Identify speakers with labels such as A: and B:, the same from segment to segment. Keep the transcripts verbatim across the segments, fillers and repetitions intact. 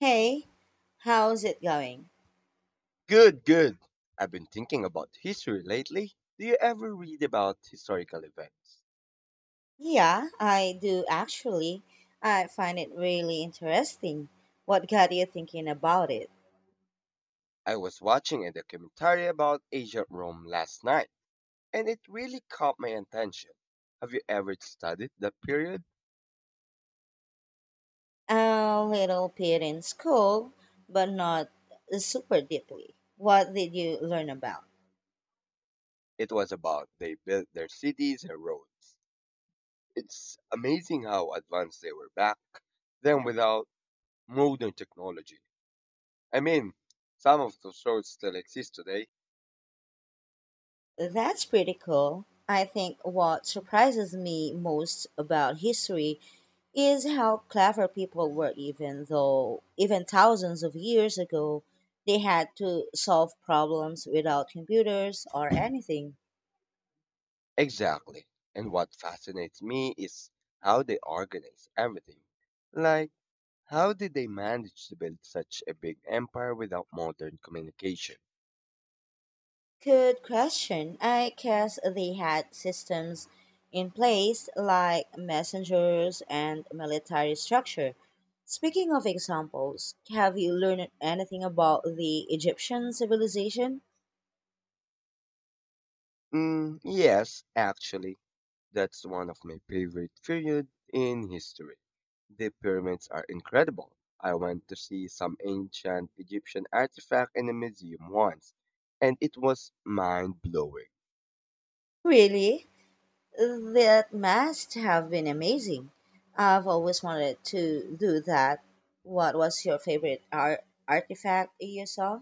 A: Hey, how's it going?
B: Good, good. I've been thinking about history lately. Do you ever read about historical events?
A: Yeah, I do actually. I find it really interesting. What got you thinking about it?
B: I was watching a documentary about ancient Rome last night, and it really caught my attention. Have you ever studied that period?
A: A little bit in school, but not super deeply. What did you learn about?
B: It was about they built their cities and roads. It's amazing how advanced they were back then without modern technology. I mean, some of those roads still exist today.
A: That's pretty cool. I think what surprises me most about history is how clever people were even though even thousands of years ago they had to solve problems without computers or anything.
B: Exactly. And what fascinates me is how they organize everything. Like, how did they manage to build such a big empire without modern communication?
A: Good question. I guess they had systems in place like messengers and military structure. Speaking of examples, have you learned anything about the Egyptian civilization?
B: Mm, yes, actually, that's one of my favorite periods in history. The pyramids are incredible. I went to see some ancient Egyptian artifact in a museum once, and it was mind blowing.
A: Really? That must have been amazing. I've always wanted to do that. What was your favorite art- artifact you saw?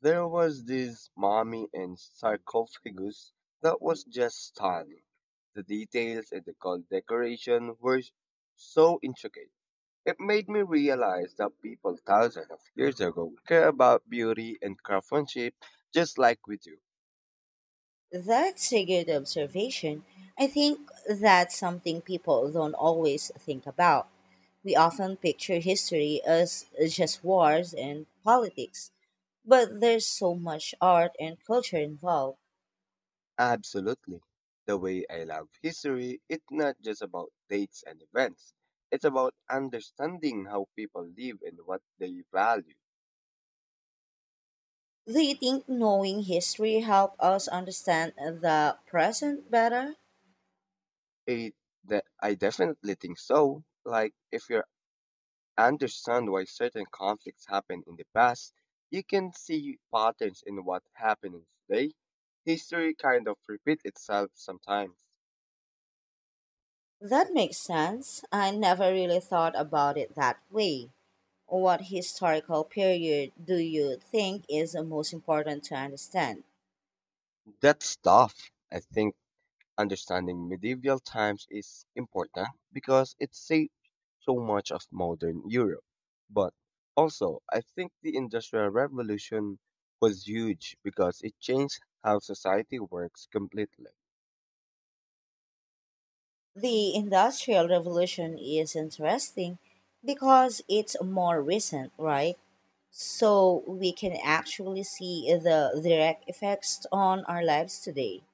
B: There was this mummy and sarcophagus that was just stunning. The details and the gold decoration were so intricate. It made me realize that people thousands of years ago care about beauty and craftsmanship just like we do.
A: That's a good observation. I think that's something people don't always think about. We often picture history as just wars and politics, but there's so much art and culture involved.
B: Absolutely. The way I love history, it's not just about dates and events. It's about understanding how people live and what they value.
A: Do you think knowing history helps us understand the present better?
B: It that I definitely think so. Like if you're understand why certain conflicts happened in the past, you can see patterns in what happens today. History kind of repeats itself sometimes.
A: That makes sense. I never really thought about it that way. What historical period do you think is the most important to understand?
B: That's tough. I think understanding medieval times is important because it shaped so much of modern Europe. But also, I think the Industrial Revolution was huge because it changed how society works completely.
A: The Industrial Revolution is interesting because it's more recent, right? So we can actually see the direct effects on our lives today.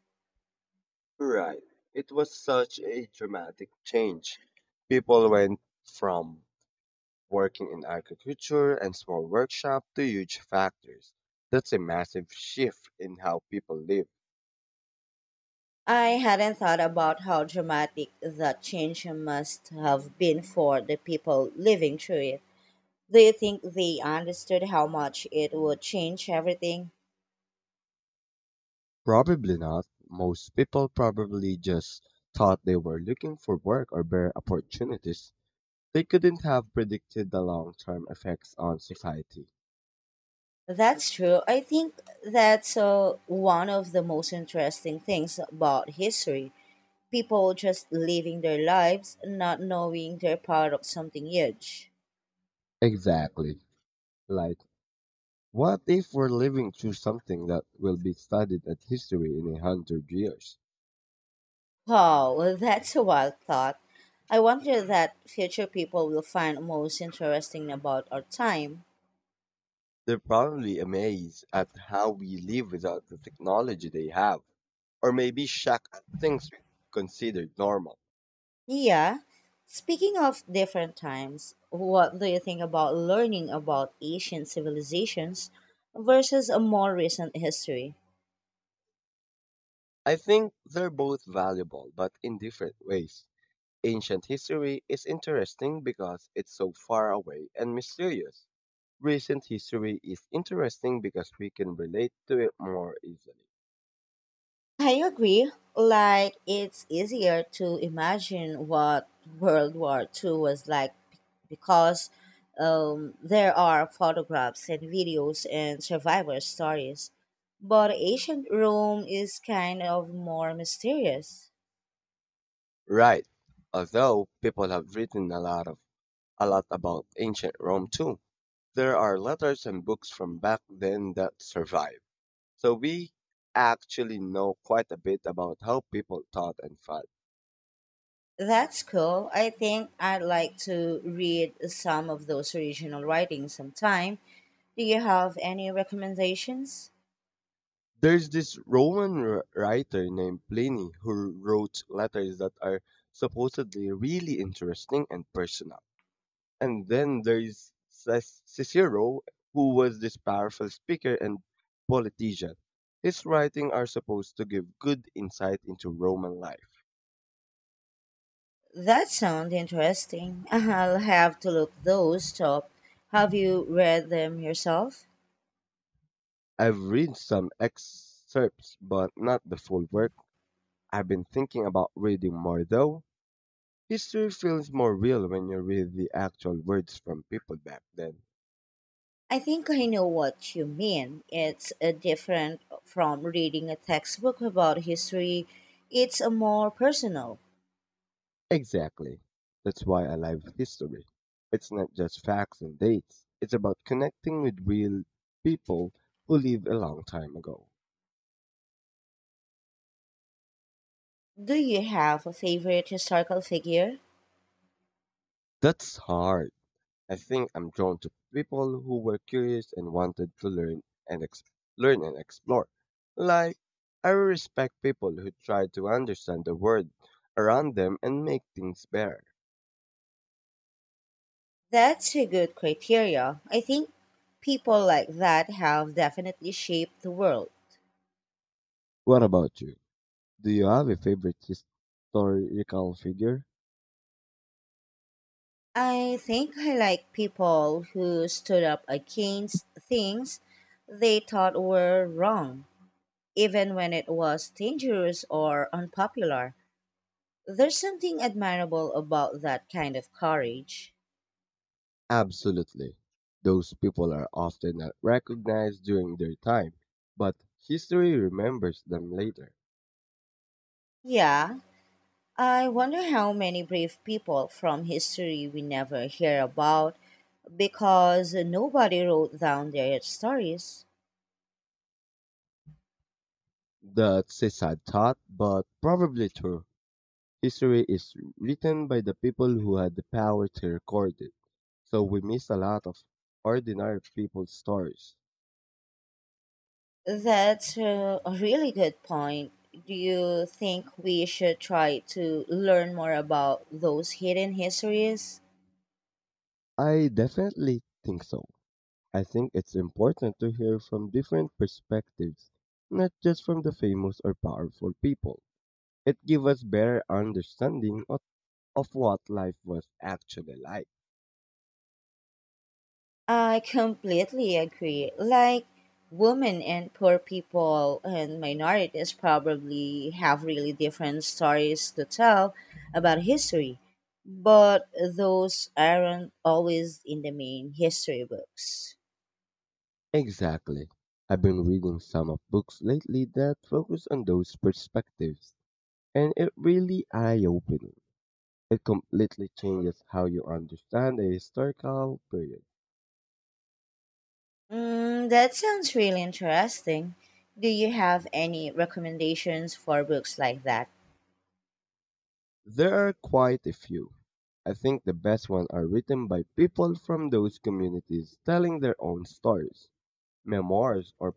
B: Right. It was such a dramatic change. People went from working in agriculture and small workshops to huge factories. That's a massive shift in how people live.
A: I hadn't thought about how dramatic that change must have been for the people living through it. Do you think they understood how much it would change everything?
B: Probably not. Most people probably just thought they were looking for work or better opportunities. They couldn't have predicted the long term effects on society.
A: That's true. I think that's uh, one of the most interesting things about history. People just living their lives, not knowing they're part of something huge.
B: Exactly. Like, what if we're living through something that will be studied as history in a hundred years?
A: Wow, that's a wild thought. I wonder that future people will find most interesting about our time.
B: They're probably amazed at how we live without the technology they have, or maybe shocked at things we considered normal.
A: Yeah. Speaking of different times, what do you think about learning about ancient civilizations versus a more recent history?
B: I think they're both valuable, but in different ways. Ancient history is interesting because it's so far away and mysterious. Recent history is interesting because we can relate to it more easily.
A: I agree. Like, it's easier to imagine what World War Two was like because um, there are photographs and videos and survivor stories. But ancient Rome is kind of more mysterious.
B: Right. Although people have written a lot of a lot about ancient Rome too. There are letters and books from back then that survive. So we actually know quite a bit about how people thought and felt.
A: That's cool. I think I'd like to read some of those original writings sometime. Do you have any recommendations?
B: There's this Roman wr- writer named Pliny who wrote letters that are supposedly really interesting and personal. And then there's Cis- Cicero, who was this powerful speaker and politician. His writings are supposed to give good insight into Roman life.
A: That sounds interesting. I'll have to look those up. Have you read them yourself?
B: I've read some excerpts, but not the full work. I've been thinking about reading more though. History feels more real when you read the actual words from people back then.
A: I think I know what you mean. It's uh, different from reading a textbook about history. It's a more personal.
B: Exactly. That's why I love history. It's not just facts and dates, it's about connecting with real people who lived a long time ago.
A: Do you have a favorite historical figure?
B: That's hard. I think I'm drawn to people who were curious and wanted to learn and ex- learn and explore. Like I respect people who try to understand the world around them and make things better.
A: That's a good criteria. I think people like that have definitely shaped the world.
B: What about you? Do you have a favorite historical figure?
A: I think I like people who stood up against things they thought were wrong, even when it was dangerous or unpopular. There's something admirable about that kind of courage.
B: Absolutely. Those people are often not recognized during their time, but history remembers them later.
A: Yeah, I wonder how many brave people from history we never hear about because nobody wrote down their stories.
B: That's a sad thought, but probably true. History is written by the people who had the power to record it, so we miss a lot of ordinary people's stories.
A: That's a a really good point. Do you think we should try to learn more about those hidden histories?
B: I definitely think so. I think it's important to hear from different perspectives, not just from the famous or powerful people. It gives us better understanding of, of what life was actually like.
A: I completely agree. Like, women and poor people and minorities probably have really different stories to tell about history, but those aren't always in the main history books.
B: Exactly. I've been reading some of books lately that focus on those perspectives, and it really eye-opening. It completely changes how you understand a historical period.
A: Mm, that sounds really interesting. Do you have any recommendations for books like that?
B: There are quite a few. I think the best ones are written by people from those communities telling their own stories. Memoirs or,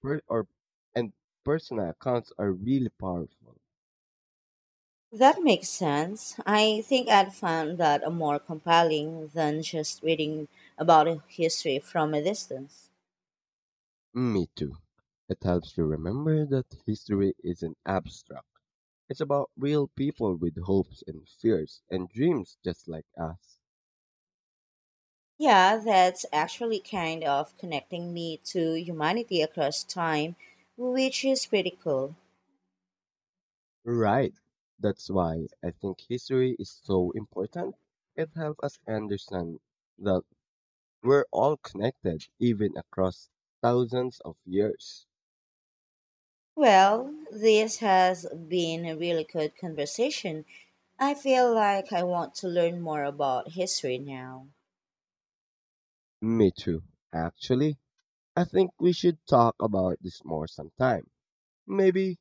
B: per, or and personal accounts are really powerful.
A: That makes sense. I think I'd found that more compelling than just reading about history from a distance.
B: Me too. It helps you remember that history isn't abstract. It's about real people with hopes and fears and dreams just like us.
A: Yeah, that's actually kind of connecting me to humanity across time, which is pretty cool.
B: Right. That's why I think history is so important. It helps us understand that we're all connected, even across thousands of years.
A: Well, this has been a really good conversation. I feel like I want to learn more about history now.
B: Me too. Actually, I think we should talk about this more sometime. Maybe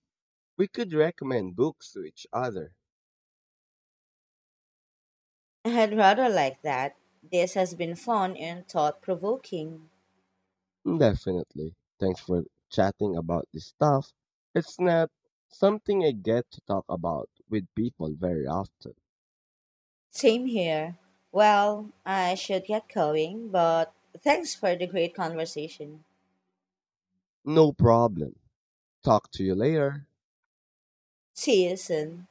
B: we could recommend books to each other.
A: I'd rather like that. This has been fun and thought provoking.
B: Definitely. Thanks for chatting about this stuff. It's not something I get to talk about with people very often.
A: Same here. Well, I should get going, but thanks for the great conversation.
B: No problem. Talk to you later.
A: See you soon.